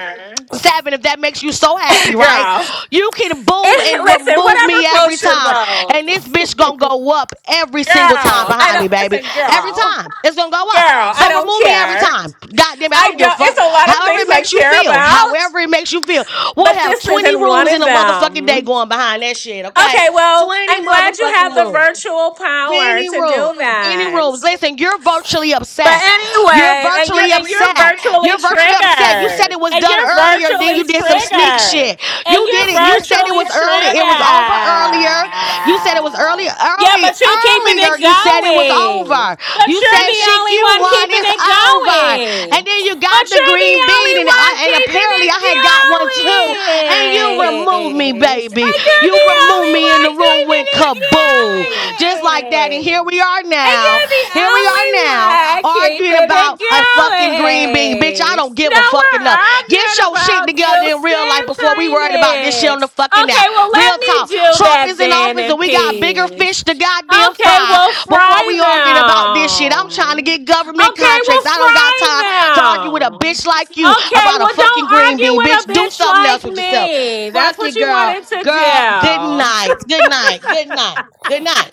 [SPEAKER 6] Seven, if that makes you so happy, right?
[SPEAKER 12] power, girl.
[SPEAKER 6] You can boom and
[SPEAKER 12] listen,
[SPEAKER 6] remove
[SPEAKER 12] whatever
[SPEAKER 6] me every
[SPEAKER 12] floats your
[SPEAKER 6] time.
[SPEAKER 12] boat,
[SPEAKER 6] And this bitch gonna go up every single time
[SPEAKER 12] girl. I
[SPEAKER 6] behind me,
[SPEAKER 12] don't
[SPEAKER 6] baby.
[SPEAKER 12] listen,
[SPEAKER 6] Every
[SPEAKER 12] girl.
[SPEAKER 6] time. It's gonna go up.
[SPEAKER 12] Girl, I
[SPEAKER 6] So
[SPEAKER 12] don't
[SPEAKER 6] remove me every
[SPEAKER 12] care.
[SPEAKER 6] time. God damn it, I don't
[SPEAKER 12] I
[SPEAKER 6] give a
[SPEAKER 12] don't. It's
[SPEAKER 6] fuck.
[SPEAKER 12] a lot of
[SPEAKER 6] However
[SPEAKER 12] things
[SPEAKER 6] it
[SPEAKER 12] I
[SPEAKER 6] makes you
[SPEAKER 12] care
[SPEAKER 6] feel.
[SPEAKER 12] about,
[SPEAKER 6] However it makes you feel. We'll
[SPEAKER 12] but
[SPEAKER 6] have
[SPEAKER 12] this
[SPEAKER 6] 20
[SPEAKER 12] isn't one
[SPEAKER 6] rooms in
[SPEAKER 12] of
[SPEAKER 6] a motherfucking day
[SPEAKER 12] them.
[SPEAKER 6] going behind that shit, okay?
[SPEAKER 12] Okay, well,
[SPEAKER 6] 20
[SPEAKER 12] I'm glad you have
[SPEAKER 6] motherfucking
[SPEAKER 12] the
[SPEAKER 6] rooms.
[SPEAKER 12] virtual power
[SPEAKER 6] Many
[SPEAKER 12] to
[SPEAKER 6] rooms.
[SPEAKER 12] do
[SPEAKER 6] Many rooms.
[SPEAKER 12] that.
[SPEAKER 6] Listen, you're virtually
[SPEAKER 12] But
[SPEAKER 6] upset. You're
[SPEAKER 12] anyway, and you're
[SPEAKER 6] virtually
[SPEAKER 12] and you're
[SPEAKER 6] upset.
[SPEAKER 12] virtually
[SPEAKER 6] You're virtually upset. You said
[SPEAKER 12] triggered.
[SPEAKER 6] it was
[SPEAKER 12] And
[SPEAKER 6] done
[SPEAKER 12] you're
[SPEAKER 6] earlier, and then you
[SPEAKER 12] virtually
[SPEAKER 6] did some sneak
[SPEAKER 12] triggered.
[SPEAKER 6] shit. You
[SPEAKER 12] And
[SPEAKER 6] did
[SPEAKER 12] you're
[SPEAKER 6] it. You said it
[SPEAKER 12] virtually
[SPEAKER 6] was early.
[SPEAKER 12] triggered.
[SPEAKER 6] It was over earlier. You said it was early,
[SPEAKER 12] Yeah,
[SPEAKER 6] early,
[SPEAKER 12] but you're keeping it
[SPEAKER 6] earlier. You said it was
[SPEAKER 12] going.
[SPEAKER 6] over.
[SPEAKER 12] But
[SPEAKER 6] You
[SPEAKER 12] you're
[SPEAKER 6] said
[SPEAKER 12] the
[SPEAKER 6] "Sheik,
[SPEAKER 12] only
[SPEAKER 6] you
[SPEAKER 12] one
[SPEAKER 6] won.
[SPEAKER 12] keeping
[SPEAKER 6] It's
[SPEAKER 12] it
[SPEAKER 6] over.
[SPEAKER 12] going.
[SPEAKER 6] And then you got
[SPEAKER 12] But
[SPEAKER 6] the
[SPEAKER 12] you're the
[SPEAKER 6] green bean,
[SPEAKER 12] only
[SPEAKER 6] and
[SPEAKER 12] one
[SPEAKER 6] I, and
[SPEAKER 12] keeping
[SPEAKER 6] apparently
[SPEAKER 12] it
[SPEAKER 6] I had got one too. And you removed me,
[SPEAKER 12] going.
[SPEAKER 6] baby.
[SPEAKER 12] And you're
[SPEAKER 6] You
[SPEAKER 12] the
[SPEAKER 6] removed me, and the
[SPEAKER 12] only
[SPEAKER 6] room went kaboom,
[SPEAKER 12] one
[SPEAKER 6] just
[SPEAKER 12] keeping
[SPEAKER 6] like that. And
[SPEAKER 12] it
[SPEAKER 6] here
[SPEAKER 12] going.
[SPEAKER 6] we are
[SPEAKER 12] And
[SPEAKER 6] now.
[SPEAKER 12] you're the
[SPEAKER 6] Here we are
[SPEAKER 12] only
[SPEAKER 6] now
[SPEAKER 12] one
[SPEAKER 6] arguing
[SPEAKER 12] keeping
[SPEAKER 6] about
[SPEAKER 12] it
[SPEAKER 6] a fucking green bean. Bitch, I
[SPEAKER 12] going.
[SPEAKER 6] don't give a
[SPEAKER 12] Now
[SPEAKER 6] fuck
[SPEAKER 12] we're
[SPEAKER 6] enough. Get
[SPEAKER 12] arguing
[SPEAKER 6] your shit
[SPEAKER 12] about
[SPEAKER 6] together
[SPEAKER 12] you
[SPEAKER 6] in real life before we
[SPEAKER 12] centering
[SPEAKER 6] worried about this shit on the
[SPEAKER 12] it.
[SPEAKER 6] fucking app.
[SPEAKER 12] Okay, well,
[SPEAKER 6] Real
[SPEAKER 12] let me
[SPEAKER 6] talk.
[SPEAKER 12] do
[SPEAKER 6] Trump
[SPEAKER 12] that
[SPEAKER 6] is in
[SPEAKER 12] then
[SPEAKER 6] office
[SPEAKER 12] in
[SPEAKER 6] and we got bigger
[SPEAKER 12] peace.
[SPEAKER 6] fish to goddamn
[SPEAKER 12] Okay, we
[SPEAKER 6] fry
[SPEAKER 12] will fry
[SPEAKER 6] before we arguing about this shit. I'm trying to
[SPEAKER 12] them.
[SPEAKER 6] get government
[SPEAKER 12] Okay, we will
[SPEAKER 6] contracts. I don't got
[SPEAKER 12] fry
[SPEAKER 6] time to argue with a
[SPEAKER 12] them.
[SPEAKER 6] bitch like you
[SPEAKER 12] Okay,
[SPEAKER 6] about a
[SPEAKER 12] well,
[SPEAKER 6] fucking
[SPEAKER 12] don't
[SPEAKER 6] green
[SPEAKER 12] argue
[SPEAKER 6] bean.
[SPEAKER 12] with a
[SPEAKER 6] Bitch, do
[SPEAKER 12] bitch
[SPEAKER 6] something else
[SPEAKER 12] like
[SPEAKER 6] with yourself.
[SPEAKER 12] me. That's
[SPEAKER 6] Fuck you,
[SPEAKER 12] what you
[SPEAKER 6] girl.
[SPEAKER 12] wanted to
[SPEAKER 6] Girl, good
[SPEAKER 12] do.
[SPEAKER 6] night. Good night. Good night. Good night.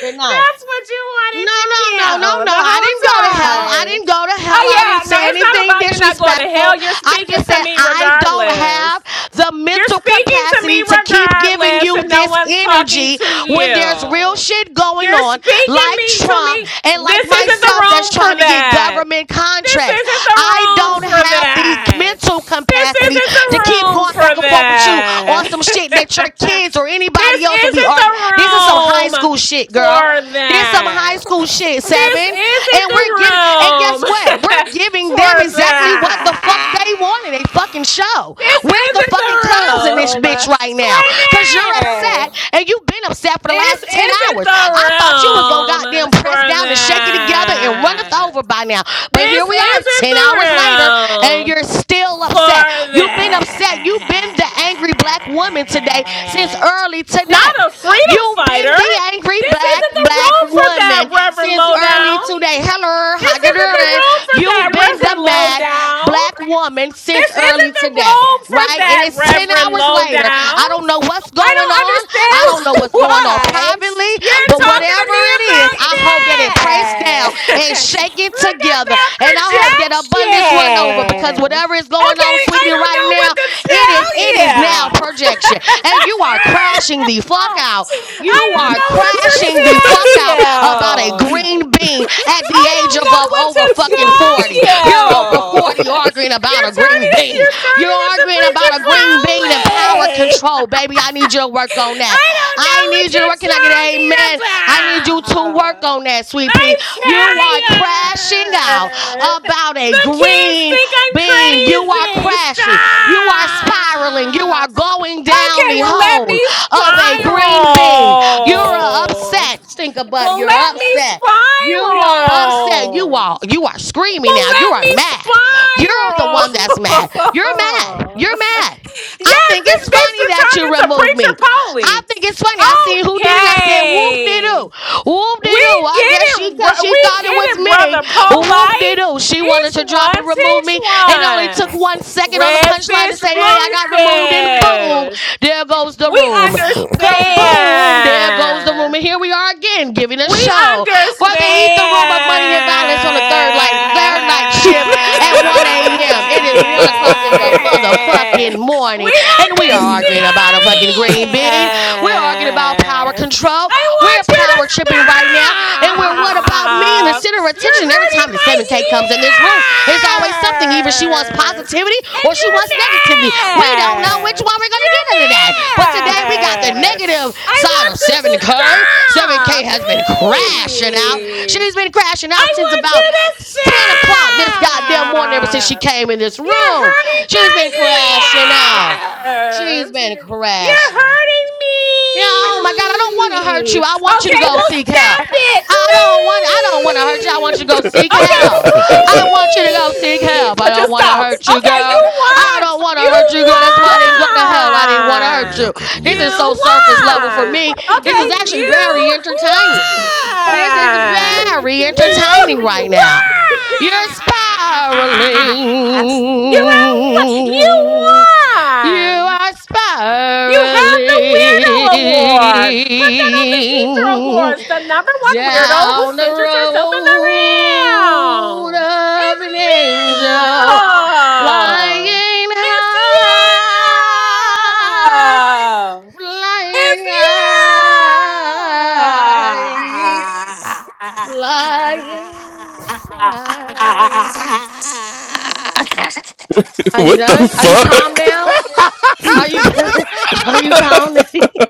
[SPEAKER 6] Good night.
[SPEAKER 12] what you
[SPEAKER 6] No,
[SPEAKER 12] wanted to
[SPEAKER 6] no,
[SPEAKER 12] do
[SPEAKER 6] no, no, no.
[SPEAKER 12] the
[SPEAKER 6] I
[SPEAKER 12] whole
[SPEAKER 6] didn't go to hell. I
[SPEAKER 12] time.
[SPEAKER 6] didn't go to
[SPEAKER 12] Oh
[SPEAKER 6] hell. I didn't
[SPEAKER 12] yeah, no,
[SPEAKER 6] say
[SPEAKER 12] it's not
[SPEAKER 6] anything
[SPEAKER 12] about you not going to
[SPEAKER 6] disrespectful.
[SPEAKER 12] hell. You're
[SPEAKER 6] I
[SPEAKER 12] speaking
[SPEAKER 6] just
[SPEAKER 12] to
[SPEAKER 6] said
[SPEAKER 12] me
[SPEAKER 6] I don't
[SPEAKER 12] regardless.
[SPEAKER 6] have the
[SPEAKER 12] You're
[SPEAKER 6] mental
[SPEAKER 12] speaking to me
[SPEAKER 6] capacity to keep giving
[SPEAKER 12] regardless,
[SPEAKER 6] you
[SPEAKER 12] and no
[SPEAKER 6] this
[SPEAKER 12] one's talking
[SPEAKER 6] energy
[SPEAKER 12] to
[SPEAKER 6] when there's real
[SPEAKER 12] you.
[SPEAKER 6] shit going
[SPEAKER 12] You're
[SPEAKER 6] on,
[SPEAKER 12] speaking
[SPEAKER 6] like
[SPEAKER 12] me to
[SPEAKER 6] Trump
[SPEAKER 12] me.
[SPEAKER 6] and like
[SPEAKER 12] This isn't the
[SPEAKER 6] myself that's
[SPEAKER 12] room for
[SPEAKER 6] trying to get
[SPEAKER 12] that.
[SPEAKER 6] government
[SPEAKER 12] This
[SPEAKER 6] contracts.
[SPEAKER 12] isn't the
[SPEAKER 6] I
[SPEAKER 12] room
[SPEAKER 6] don't
[SPEAKER 12] for
[SPEAKER 6] have have the
[SPEAKER 12] that.
[SPEAKER 6] mental
[SPEAKER 12] This
[SPEAKER 6] capacity
[SPEAKER 12] isn't the
[SPEAKER 6] to keep
[SPEAKER 12] room
[SPEAKER 6] going back
[SPEAKER 12] for
[SPEAKER 6] and forth with you on
[SPEAKER 12] that.
[SPEAKER 6] some shit that your kids or anybody
[SPEAKER 12] this
[SPEAKER 6] else will be
[SPEAKER 12] isn't
[SPEAKER 6] arguing.
[SPEAKER 12] the
[SPEAKER 6] This is some high
[SPEAKER 12] room
[SPEAKER 6] school shit, girl.
[SPEAKER 12] for
[SPEAKER 6] This is some high
[SPEAKER 12] that.
[SPEAKER 6] school shit, seven.
[SPEAKER 12] This isn't
[SPEAKER 6] And
[SPEAKER 12] the
[SPEAKER 6] we're giving, and guess
[SPEAKER 12] room
[SPEAKER 6] what? We're giving them
[SPEAKER 12] for
[SPEAKER 6] exactly what the fuck
[SPEAKER 12] that.
[SPEAKER 6] they wanted. A fucking show.
[SPEAKER 12] This
[SPEAKER 6] We're the
[SPEAKER 12] isn't the
[SPEAKER 6] fucking clowns in this
[SPEAKER 12] room
[SPEAKER 6] bitch right now.
[SPEAKER 12] for
[SPEAKER 6] Cause you're
[SPEAKER 12] that.
[SPEAKER 6] upset and you've been upset for the
[SPEAKER 12] This
[SPEAKER 6] last 10
[SPEAKER 12] isn't
[SPEAKER 6] hours. I thought you was gonna
[SPEAKER 12] the
[SPEAKER 6] goddamn
[SPEAKER 12] room
[SPEAKER 6] press pressed
[SPEAKER 12] for
[SPEAKER 6] down and shaken together and runneth
[SPEAKER 12] that.
[SPEAKER 6] over by now. But
[SPEAKER 12] This
[SPEAKER 6] here we are,
[SPEAKER 12] isn't
[SPEAKER 6] 10 hours later, and
[SPEAKER 12] the room
[SPEAKER 6] you're still
[SPEAKER 12] for
[SPEAKER 6] upset. You've been upset. You've been the angry black woman today since
[SPEAKER 12] that.
[SPEAKER 6] early
[SPEAKER 12] Not
[SPEAKER 6] today.
[SPEAKER 12] a freedom
[SPEAKER 6] You've been
[SPEAKER 12] fighter.
[SPEAKER 6] the angry
[SPEAKER 12] This
[SPEAKER 6] black,
[SPEAKER 12] isn't the
[SPEAKER 6] black
[SPEAKER 12] room for that,
[SPEAKER 6] woman
[SPEAKER 12] Reverend
[SPEAKER 6] since early
[SPEAKER 12] Lowdown.
[SPEAKER 6] today. Hello, how
[SPEAKER 12] This
[SPEAKER 6] you
[SPEAKER 12] isn't the
[SPEAKER 6] doing?
[SPEAKER 12] room for that,
[SPEAKER 6] You've been the
[SPEAKER 12] Reverend
[SPEAKER 6] mad
[SPEAKER 12] Lowdown.
[SPEAKER 6] black woman
[SPEAKER 12] This
[SPEAKER 6] since early
[SPEAKER 12] isn't the
[SPEAKER 6] today,
[SPEAKER 12] room for
[SPEAKER 6] right? And
[SPEAKER 12] that,
[SPEAKER 6] it's 10
[SPEAKER 12] Reverend
[SPEAKER 6] hours later.
[SPEAKER 12] Lowdown.
[SPEAKER 6] I don't know what's what's
[SPEAKER 12] I
[SPEAKER 6] going
[SPEAKER 12] don't
[SPEAKER 6] on. I
[SPEAKER 12] understand
[SPEAKER 6] don't know what's going on
[SPEAKER 12] why
[SPEAKER 6] privately,
[SPEAKER 12] you're
[SPEAKER 6] but
[SPEAKER 12] talking to
[SPEAKER 6] whatever
[SPEAKER 12] me
[SPEAKER 6] it is,
[SPEAKER 12] about
[SPEAKER 6] I hope that it prays
[SPEAKER 12] that.
[SPEAKER 6] down and shake it
[SPEAKER 12] Look at
[SPEAKER 6] together.
[SPEAKER 12] that
[SPEAKER 6] And I hope that abundance run over
[SPEAKER 12] projection.
[SPEAKER 6] because whatever is going
[SPEAKER 12] Okay,
[SPEAKER 6] on, sweetie,
[SPEAKER 12] I don't
[SPEAKER 6] right
[SPEAKER 12] know
[SPEAKER 6] now, it is it is now
[SPEAKER 12] what to tell
[SPEAKER 6] projection.
[SPEAKER 12] you.
[SPEAKER 6] And you are crashing the fuck out. You are crashing the fuck out about a green bean at
[SPEAKER 12] I
[SPEAKER 6] the age of, of over fucking 40. You're over
[SPEAKER 12] to
[SPEAKER 6] 40
[SPEAKER 12] tell
[SPEAKER 6] arguing arguing about a green bean. You're arguing about a green bean and power control, baby. I need you to work on that.
[SPEAKER 12] I
[SPEAKER 6] I need you to
[SPEAKER 12] don't
[SPEAKER 6] work.
[SPEAKER 12] know
[SPEAKER 6] Can I get an amen? I need you to
[SPEAKER 12] what you're
[SPEAKER 6] work
[SPEAKER 12] talking about.
[SPEAKER 6] on that, sweet pea.
[SPEAKER 12] I'm
[SPEAKER 6] You are crashing out
[SPEAKER 12] tired.
[SPEAKER 6] about a
[SPEAKER 12] The kids
[SPEAKER 6] green
[SPEAKER 12] think I'm
[SPEAKER 6] bean. You are
[SPEAKER 12] crazy.
[SPEAKER 6] crashing. You are spiraling. You are
[SPEAKER 12] Stop.
[SPEAKER 6] going down
[SPEAKER 12] Okay,
[SPEAKER 6] the
[SPEAKER 12] well, let
[SPEAKER 6] hole
[SPEAKER 12] me
[SPEAKER 6] of a
[SPEAKER 12] spiral.
[SPEAKER 6] green bean. You're upset, stinker butt.
[SPEAKER 12] Well,
[SPEAKER 6] You're
[SPEAKER 12] let me
[SPEAKER 6] upset. You are upset. You
[SPEAKER 12] spiral.
[SPEAKER 6] are you are screaming
[SPEAKER 12] Well,
[SPEAKER 6] now. You
[SPEAKER 12] let
[SPEAKER 6] are
[SPEAKER 12] me
[SPEAKER 6] mad. You're the
[SPEAKER 12] spiral.
[SPEAKER 6] one that's mad. You're mad. You're mad. I
[SPEAKER 12] yes,
[SPEAKER 6] think
[SPEAKER 12] this
[SPEAKER 6] it's
[SPEAKER 12] bitch
[SPEAKER 6] funny
[SPEAKER 12] done
[SPEAKER 6] that
[SPEAKER 12] turned
[SPEAKER 6] you
[SPEAKER 12] into
[SPEAKER 6] removed
[SPEAKER 12] preacher
[SPEAKER 6] me.
[SPEAKER 12] Polly.
[SPEAKER 6] I think it's funny. I seen who did it. I said,
[SPEAKER 12] Okay,
[SPEAKER 6] whoop de doo. Whoop de
[SPEAKER 12] we
[SPEAKER 6] doo.
[SPEAKER 12] get
[SPEAKER 6] I guess
[SPEAKER 12] it,
[SPEAKER 6] she cause
[SPEAKER 12] bro-
[SPEAKER 6] she
[SPEAKER 12] we
[SPEAKER 6] thought it
[SPEAKER 12] get
[SPEAKER 6] was
[SPEAKER 12] it,
[SPEAKER 6] me.
[SPEAKER 12] brother
[SPEAKER 6] Whoop de
[SPEAKER 12] Polite.
[SPEAKER 6] doo. She wanted
[SPEAKER 12] Each
[SPEAKER 6] to drop
[SPEAKER 12] one
[SPEAKER 6] and remove
[SPEAKER 12] teach
[SPEAKER 6] me. And it only took
[SPEAKER 12] one.
[SPEAKER 6] one second on the
[SPEAKER 12] Red
[SPEAKER 6] punchline to
[SPEAKER 12] fish,
[SPEAKER 6] say, hey, I
[SPEAKER 12] blue
[SPEAKER 6] got removed, and boom,
[SPEAKER 12] fish.
[SPEAKER 6] there goes the
[SPEAKER 12] We
[SPEAKER 6] room. Kaboom, there goes the room.
[SPEAKER 12] understand.
[SPEAKER 6] And here we are again giving a
[SPEAKER 12] We
[SPEAKER 6] show. for they eat the room of money and violence on the third like their night shift at 1 a.m. It is 1 o'clock in the motherfucking
[SPEAKER 12] understand. We
[SPEAKER 6] morning. And we are arguing about a fucking green bean. We're arguing about power
[SPEAKER 12] understand.
[SPEAKER 6] control.
[SPEAKER 12] I
[SPEAKER 6] We're
[SPEAKER 12] want you to
[SPEAKER 6] power tripping right now. And we're what about me in the
[SPEAKER 12] stop.
[SPEAKER 6] center of
[SPEAKER 12] You're
[SPEAKER 6] attention every time
[SPEAKER 12] hurting
[SPEAKER 6] the
[SPEAKER 12] my
[SPEAKER 6] 7K comes in this room. It's always something. Either she wants
[SPEAKER 12] ears.
[SPEAKER 6] positivity
[SPEAKER 12] And
[SPEAKER 6] or she
[SPEAKER 12] you're
[SPEAKER 6] wants negativity. We don't know which
[SPEAKER 12] mad.
[SPEAKER 6] one we're gonna get in today. But today we
[SPEAKER 12] You're
[SPEAKER 6] got the
[SPEAKER 12] mad.
[SPEAKER 6] negative
[SPEAKER 12] I
[SPEAKER 6] side of
[SPEAKER 12] want you to
[SPEAKER 6] 7K. 7K
[SPEAKER 12] stop,
[SPEAKER 6] has been crashing out.
[SPEAKER 12] please.
[SPEAKER 6] She's been crashing out
[SPEAKER 12] I
[SPEAKER 6] since
[SPEAKER 12] want
[SPEAKER 6] about
[SPEAKER 12] you to
[SPEAKER 6] 10 o'clock this goddamn morning ever since she
[SPEAKER 12] stop.
[SPEAKER 6] came in this
[SPEAKER 12] You're
[SPEAKER 6] room.
[SPEAKER 12] hurting
[SPEAKER 6] She's
[SPEAKER 12] my
[SPEAKER 6] been crashing out. She's
[SPEAKER 12] ears.
[SPEAKER 6] been
[SPEAKER 12] You're
[SPEAKER 6] crashing.
[SPEAKER 12] hurting
[SPEAKER 6] Yeah, oh my God, I don't want to hurt
[SPEAKER 12] me.
[SPEAKER 6] you. I want you to
[SPEAKER 12] Okay,
[SPEAKER 6] go
[SPEAKER 12] well,
[SPEAKER 6] seek help.
[SPEAKER 12] stop it,
[SPEAKER 6] I don't want I don't want to hurt you. I want you to
[SPEAKER 12] please.
[SPEAKER 6] go seek
[SPEAKER 12] Okay, but
[SPEAKER 6] help. I want you to go seek
[SPEAKER 13] shit.
[SPEAKER 12] please,
[SPEAKER 6] help. I
[SPEAKER 12] but
[SPEAKER 6] don't
[SPEAKER 12] just
[SPEAKER 6] want to
[SPEAKER 12] stop.
[SPEAKER 6] hurt you,
[SPEAKER 12] Okay, you
[SPEAKER 6] girl. I
[SPEAKER 12] won.
[SPEAKER 6] don't want to
[SPEAKER 12] You
[SPEAKER 6] hurt you, girl. That's why I didn't go to hell. I didn't want to
[SPEAKER 2] Bro,
[SPEAKER 6] hurt
[SPEAKER 12] won.
[SPEAKER 2] y'all
[SPEAKER 6] you.
[SPEAKER 2] cracking me
[SPEAKER 6] This
[SPEAKER 2] up.
[SPEAKER 6] is so
[SPEAKER 12] You
[SPEAKER 6] surface level
[SPEAKER 13] I don't
[SPEAKER 6] for
[SPEAKER 12] won.
[SPEAKER 13] even
[SPEAKER 6] me.
[SPEAKER 13] fucking
[SPEAKER 6] This
[SPEAKER 12] Okay,
[SPEAKER 6] is
[SPEAKER 13] do this.
[SPEAKER 6] actually
[SPEAKER 12] you
[SPEAKER 6] very entertaining. This is
[SPEAKER 13] She can do
[SPEAKER 12] won.
[SPEAKER 13] this
[SPEAKER 6] very
[SPEAKER 13] since
[SPEAKER 12] You
[SPEAKER 13] she's
[SPEAKER 6] entertaining right
[SPEAKER 13] freaking.
[SPEAKER 6] now. You're
[SPEAKER 12] won. You won. You
[SPEAKER 6] spiraling. You
[SPEAKER 12] won.
[SPEAKER 6] are
[SPEAKER 12] You have the Weirdo Award. Put that on the Ether
[SPEAKER 6] spiraling
[SPEAKER 12] Awards. The number one weirdo who
[SPEAKER 6] down the
[SPEAKER 12] centers herself in the
[SPEAKER 6] road
[SPEAKER 12] round.
[SPEAKER 6] of
[SPEAKER 12] It's
[SPEAKER 6] an
[SPEAKER 12] you.
[SPEAKER 6] angel flying
[SPEAKER 12] It's
[SPEAKER 6] high, flying high. Flying high.
[SPEAKER 12] you. It's you.
[SPEAKER 6] Are you
[SPEAKER 8] what the
[SPEAKER 6] done? Are you calm
[SPEAKER 8] fuck,
[SPEAKER 6] now? Are you are you calm? now?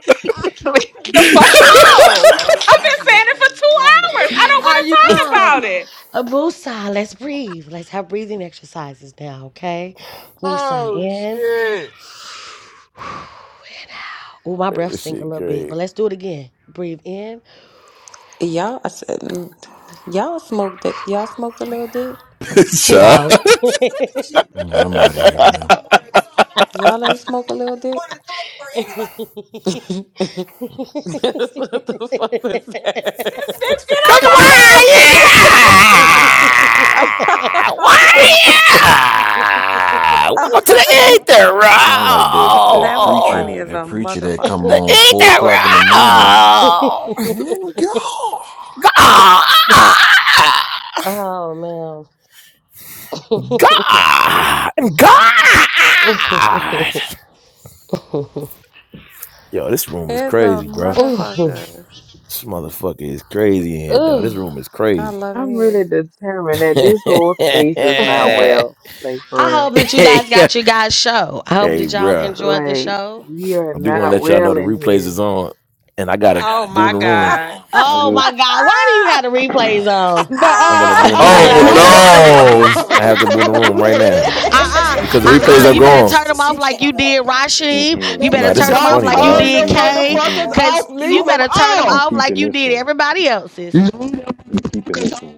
[SPEAKER 12] Leave me the fuck alone. I've been saying it for two hours. I don't want
[SPEAKER 6] are
[SPEAKER 12] to
[SPEAKER 6] you
[SPEAKER 12] talk
[SPEAKER 6] calm?
[SPEAKER 12] about it.
[SPEAKER 6] Uh, Musa, let's breathe. Let's have breathing exercises now, okay? Musa
[SPEAKER 5] oh
[SPEAKER 6] in.
[SPEAKER 5] shit!
[SPEAKER 6] Oh, my breath
[SPEAKER 7] That
[SPEAKER 6] stink a
[SPEAKER 7] shit,
[SPEAKER 6] little bit, but
[SPEAKER 7] great.
[SPEAKER 6] let's do it again. Breathe in.
[SPEAKER 3] y'all, I said, mm, y'all smoked it. Y'all smoked a little dick.
[SPEAKER 8] Sean?
[SPEAKER 6] No.
[SPEAKER 2] Yeah, I'm out of here, man.
[SPEAKER 3] Y'all ain't smoke a little dick. That's what the fuck was that?
[SPEAKER 12] This bitch
[SPEAKER 7] Cause why?
[SPEAKER 12] get on my
[SPEAKER 7] Yeah!
[SPEAKER 12] nerves.
[SPEAKER 7] Why? Yeah! Welcome to
[SPEAKER 2] S-
[SPEAKER 7] the ether,
[SPEAKER 2] Sound like that that
[SPEAKER 3] that was
[SPEAKER 2] preacher,
[SPEAKER 3] funny
[SPEAKER 7] bro.
[SPEAKER 3] as
[SPEAKER 2] that
[SPEAKER 3] a
[SPEAKER 2] preacher that come
[SPEAKER 3] motherfucker.
[SPEAKER 7] The
[SPEAKER 2] on four
[SPEAKER 7] that
[SPEAKER 2] o'clock in the morning
[SPEAKER 7] Oh,
[SPEAKER 2] and God.
[SPEAKER 7] God.
[SPEAKER 6] oh man.
[SPEAKER 7] God. God. Yo, this room is
[SPEAKER 3] As a
[SPEAKER 7] crazy, bro.
[SPEAKER 6] Ooh, ooh.
[SPEAKER 3] motherfucker.
[SPEAKER 7] This motherfucker is crazy in here, though. This room is
[SPEAKER 3] I
[SPEAKER 7] crazy.
[SPEAKER 3] love
[SPEAKER 4] I'm really
[SPEAKER 3] it
[SPEAKER 4] determined that
[SPEAKER 7] hey,
[SPEAKER 4] this whole space is not well. Like
[SPEAKER 6] I
[SPEAKER 4] for
[SPEAKER 6] hope that you guys got your guys' show. I hope
[SPEAKER 7] hey,
[SPEAKER 6] that y'all
[SPEAKER 7] bro.
[SPEAKER 4] real.
[SPEAKER 6] enjoyed the
[SPEAKER 4] Like
[SPEAKER 6] show.
[SPEAKER 4] we are
[SPEAKER 7] I do want to
[SPEAKER 4] not
[SPEAKER 6] Okay.
[SPEAKER 7] let y'all know
[SPEAKER 4] well
[SPEAKER 7] the
[SPEAKER 4] in
[SPEAKER 7] replays
[SPEAKER 4] here
[SPEAKER 7] is on, and I got to
[SPEAKER 12] oh
[SPEAKER 7] boom
[SPEAKER 12] my
[SPEAKER 7] the room.
[SPEAKER 12] God.
[SPEAKER 9] I
[SPEAKER 6] Oh my
[SPEAKER 9] just.
[SPEAKER 6] God, why do you have the replays on?
[SPEAKER 13] No, uh, uh,
[SPEAKER 7] I'm going to
[SPEAKER 13] uh,
[SPEAKER 7] boom the
[SPEAKER 13] uh,
[SPEAKER 8] Oh
[SPEAKER 13] uh,
[SPEAKER 7] room right
[SPEAKER 13] don't
[SPEAKER 3] here.
[SPEAKER 7] now.
[SPEAKER 13] groom it.
[SPEAKER 8] no!
[SPEAKER 7] I have to boom the
[SPEAKER 13] Don't
[SPEAKER 7] room
[SPEAKER 13] boom
[SPEAKER 7] right now
[SPEAKER 6] Uh-uh,
[SPEAKER 13] it.
[SPEAKER 7] because the replays
[SPEAKER 6] uh-uh.
[SPEAKER 7] are
[SPEAKER 6] You
[SPEAKER 9] mm-mm,
[SPEAKER 6] better
[SPEAKER 7] gone.
[SPEAKER 6] turn them off like you did Rashim. You better
[SPEAKER 7] Nah, this
[SPEAKER 6] turn
[SPEAKER 7] is
[SPEAKER 6] them
[SPEAKER 9] mm-mm,
[SPEAKER 6] off
[SPEAKER 13] Don't
[SPEAKER 7] funny,
[SPEAKER 6] like you
[SPEAKER 7] dog.
[SPEAKER 13] turn
[SPEAKER 6] did
[SPEAKER 9] mm-mm,
[SPEAKER 13] the
[SPEAKER 6] Kay.
[SPEAKER 13] motherfuckers
[SPEAKER 9] mm-mm.
[SPEAKER 6] Cause
[SPEAKER 13] off.
[SPEAKER 6] you
[SPEAKER 13] Leave them
[SPEAKER 6] better turn them
[SPEAKER 9] We
[SPEAKER 13] off.
[SPEAKER 6] off like
[SPEAKER 9] keeping
[SPEAKER 6] you
[SPEAKER 9] this
[SPEAKER 6] did
[SPEAKER 9] one.
[SPEAKER 6] everybody else's.
[SPEAKER 9] We keeping this one.